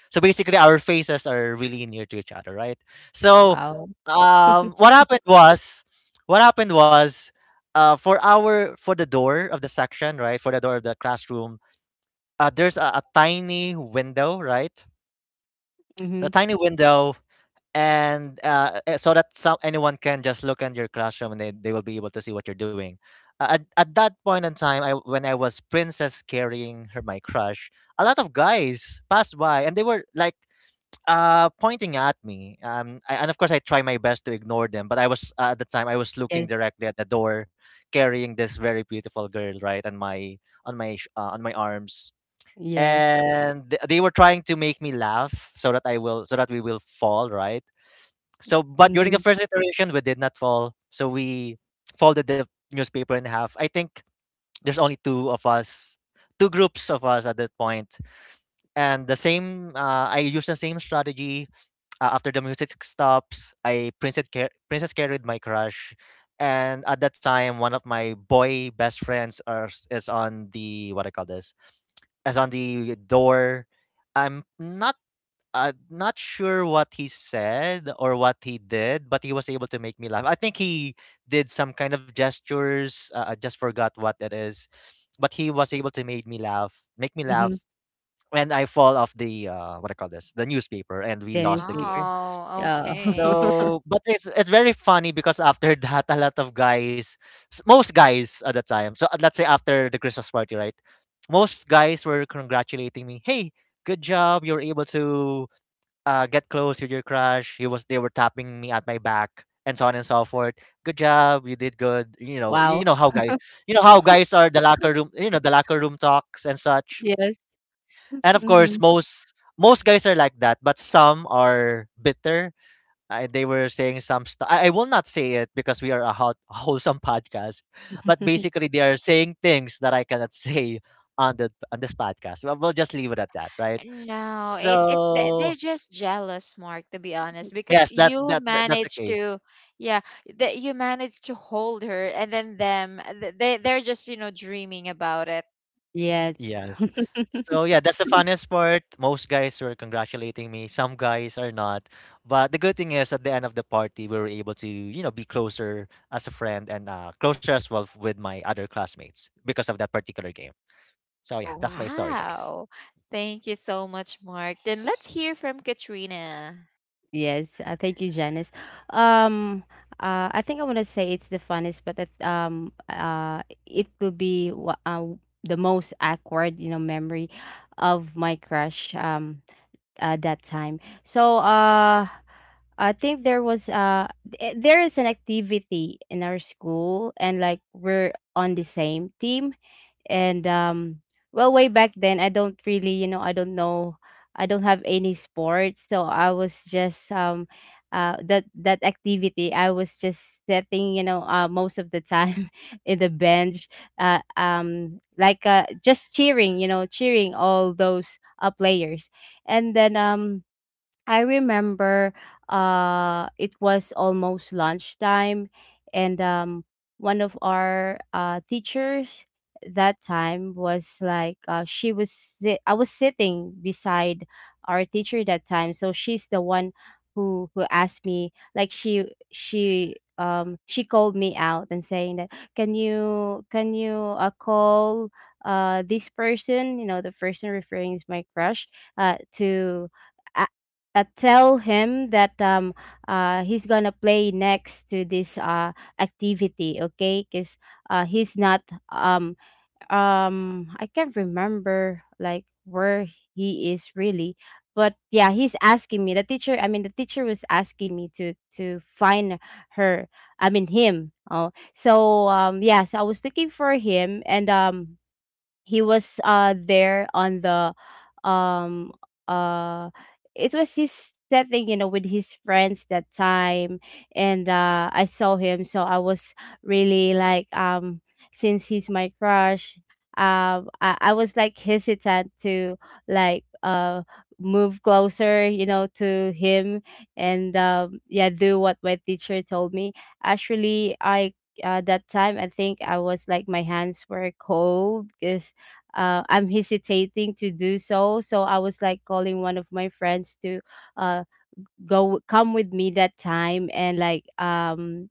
B: So basically, our faces are really near to each other, right? So
C: Wow.
B: um, what happened was, what happened was, for the door of the section, right, for the door of the classroom, there's a tiny window, right? A
C: Mhm.
B: tiny window, and so that some anyone can just look in your classroom and they will be able to see what you're doing. At that point in time, I when I was princess carrying her, my crush, a lot of guys passed by and they were like pointing at me. And of course I try my best to ignore them, but I was at the time I was looking
C: Yes.
B: directly at the door, carrying this very beautiful girl, right, and my on my arms,
C: Yes.
B: and they were trying to make me laugh so that I will so that we will fall, right? But during the
C: Mhm.
B: first iteration we did not fall. So we folded the newspaper in half. I think there's only two of us two groups of us at that point. And the same, I used the same strategy. After the music stops, I princess carried my crush, and at that time, one of my boy best friends is on the what I call this, as on the door. I'm not not sure what he said or what he did, but he was able to make me laugh. I think he did some kind of gestures. I just forgot what it is, but he was able to make me
C: Mhm.
B: laugh. And I fall off the what I call this, the newspaper, and we
C: Then it's
B: lost the game.
C: paper.
A: Oh,
C: Yeah.
A: okay.
B: So, but it's very funny because after that, a lot of guys, most guys at the time. So let's say after the Christmas party, right? Most guys were congratulating me. Hey, good job! You were able to get close with your crush. He was they were tapping me at my back and so on and so forth. Good job! You did good. You
C: Wow.
B: know how guys, you know how guys are the locker room. You know the locker room talks and such.
C: Yes.
B: And of course,
C: Mhm.
B: most guys are like that, but some are bitter. They were saying some stuff. I will not say it because we are a hot, wholesome podcast, but basically they are saying things that I cannot say on this podcast. Well, we'll just leave it at that, right?
A: No, they're
B: So
A: just jealous, Mark, to be honest, because
B: yes, that,
A: you
B: that that that's the
A: managed
B: case.
A: to, yeah, that you managed to hold her, and then them, they they're just, you know, dreaming about it.
C: Yes.
B: Yes. So yeah, that's the funnest part. Most guys were congratulating me. Some guys are not. But the good thing is at the end of the party we were able to, you know, be closer as a friend and closer as well with my other classmates because of that particular game. So yeah,
A: Oh,
B: that's my story, guys.
A: wow. Thank you so much, Mark. Then let's hear from Katrina.
C: Yes. Thank you, Janice. Um, I think I want to say it's the funnest, but that it will be the most awkward, you know, memory of my crush. That time. So I think there was there is an activity in our school, and like we're on the same team and well way back then I don't really, you know, I don't know, I don't have any sports, so I was just that that activity I was just sitting, you know, most of the time in the bench like just cheering, you know, cheering all those players. And then I remember it was almost lunchtime. And one of our teachers that time was like she was I was sitting beside our teacher that time, so she's the one who asked me, like she called me out and saying that, can you, can you uh call this person, you know, the person referring is my crush, to uh, tell him that he's gonna play next to this activity, okay, because he's not um I can't remember like where he is really, but yeah he's asking me, the teacher, I mean the teacher was asking me to find her, I mean him. Oh, so yeah, so I was looking for him and he was there on the um uh it was his setting, you know, with his friends that time. And I saw him, so I was really like since he's my crush, I was like hesitant to like move closer, you know, to him. And yeah, do what my teacher told me. Actually, I that time I think I was like my hands were cold because uh I'm hesitating to do so. So I was like calling one of my friends to uh go come with me that time, and like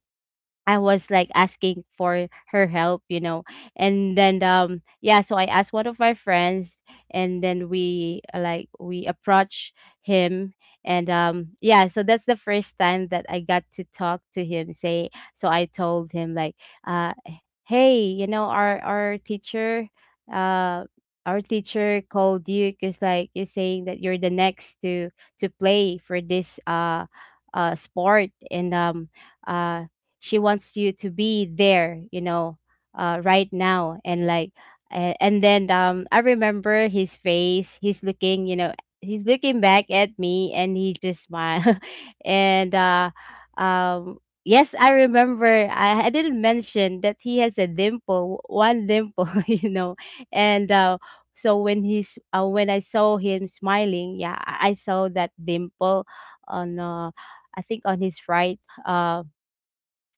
C: I was like asking for her help, you know. And then yeah, so I asked one of my friends, and then we uh like we approached him. And yeah, so that's the first time that I got to talk to him. Say, so I told him like uh hey, you know, uh our teacher called you because like you're saying that you're the next to play for this uh sport, and uh she wants you to be there, you know, uh right now. And like and then I remember his face, he's looking, you know, he's looking back at me, and he just smiled. And um yes, I remember I didn't mention that he has a dimple, one dimple. You know, and so when he's when I saw him smiling, yeah, I saw that dimple on I think on his right uh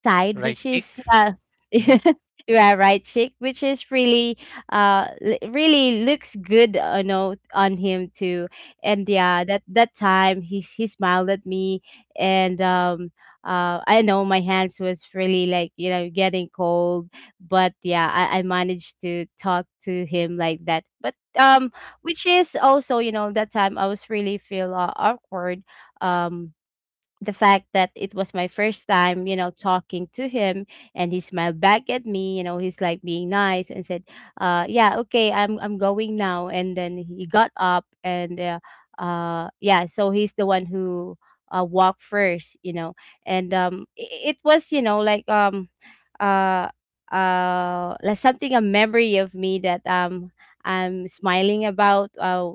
C: side,
B: Right
C: which
B: kick.
C: is yeah,
B: Mhm.
C: yeah, right cheek, which is really really looks good, you know, on him too. And yeah, that that time he smiled at me, and I know my hands was really like, you know, getting cold, but yeah, I managed to talk to him like that, but. Which is also, you know, that time I was really feel uh awkward, um, the fact that it was my first time, you know, talking to him, and he smiled back at me, you know, he's like being nice and said, yeah, okay, I'm going now. And then he got up and yeah, so he's the one who walked first, you know. And it was, you know, uh like something, a memory of me that I'm smiling about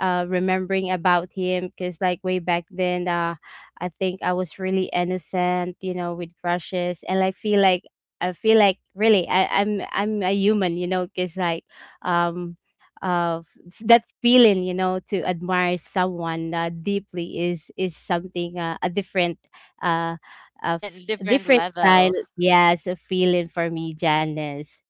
C: remembering about him, because like way back then I think I was really innocent, you know, with crushes. And I feel like I feel like really I'm a human, you know, because like um uh that feeling, you know, to admire someone uh deeply is something uh a different uh a
A: N- different
C: different style.
A: level.
C: Yes, a feeling for me, Janice.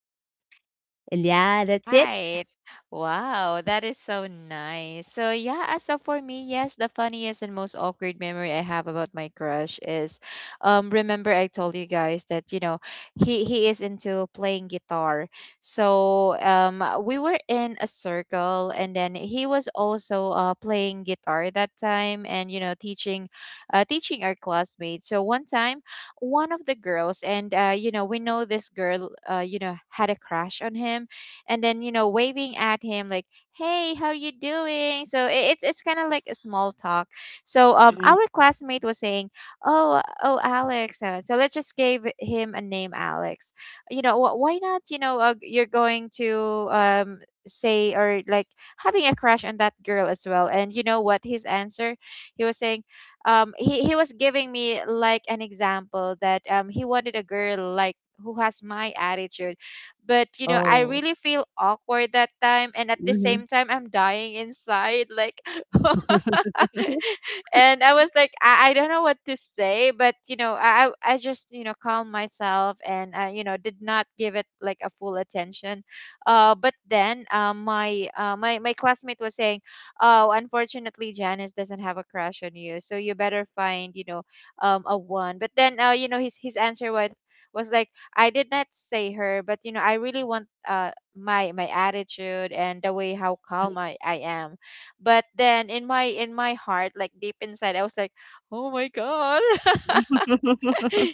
C: And yeah, that's it.
A: Right. Wow, that is so nice. So yeah, as of for me, yes, the funniest and most awkward memory I have about my crush is, um, remember I told you guys that, you know, he is into playing guitar. So um, we were in a circle, and then he was also uh, playing guitar that time, and you know, teaching teaching our classmates. So one time, one of the girls, and you know, we know this girl, you know, had a crush on him. And then you know, waving at him like, hey, how are you doing? So it's kind of like a small talk. So um,
C: Mhm.
A: our classmate was saying, oh Alex, so let's just give him a name, Alex. You know, why not, you know, you're going to um, say or like having a crush on that girl as well? And you know what his answer, he was saying, um, he was giving me like an example that um, he wanted a girl like, who has my attitude. But you know, I
C: Oh.
A: really feel awkward that time, and at the
C: Hmm.
A: same time, I'm dying inside like and I was like, I don't know what to say, but you know, I just, you know, calmed myself, and I, you know, did not give it like a full attention. But then my my classmate was saying, oh, unfortunately, Janice doesn't have a crush on you, so you better find, you know, um, a one. But then you know, his answer was like, I did not say her, but you know, I really want, my attitude, and the way how calm I am. But then in my, in my heart, like deep inside, I was like, oh my god.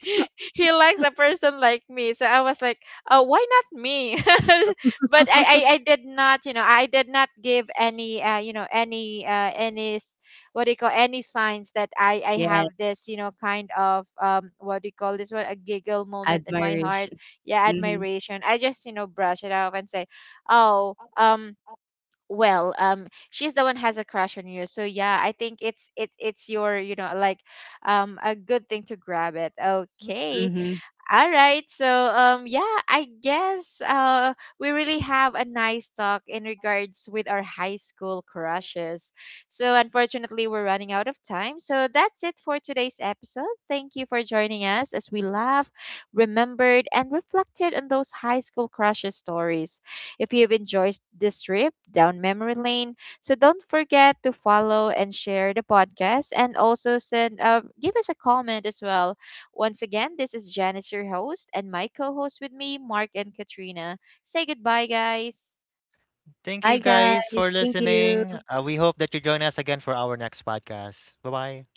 A: He likes a person like me, so I was like, oh, why not me? But I did not, you know, I did not give any you know, any what do you call, any signs that I
C: Yeah.
A: have this, you know, kind of um, what do you call this one, a giggle moment in my heart.
C: Admiration.
A: Yeah,
C: Mhm,
A: admiration. I just, you know, brush it off and say, oh um, well um, she's the one has a crush on you, so yeah, I think it's it's your, you know, like um, a good thing to grab it. Okay,
C: mhm.
A: all right. So, yeah, I guess we really have a nice talk in regards with our high school crushes. So, unfortunately, we're running out of time. So, that's it for today's episode. Thank you for joining us as we laughed, remembered, and reflected on those high school crushes stories. If you've enjoyed this trip down memory lane, so don't forget to follow and share the podcast, and also send give us a comment as well. Once again, this is Janice, your host, and my co host with me, Mark and Katrina. Say goodbye, guys.
B: Thank you
C: Bye, guys.
B: guys for
C: Thank you.
B: listening. We hope that you join us again for our next podcast. Bye bye.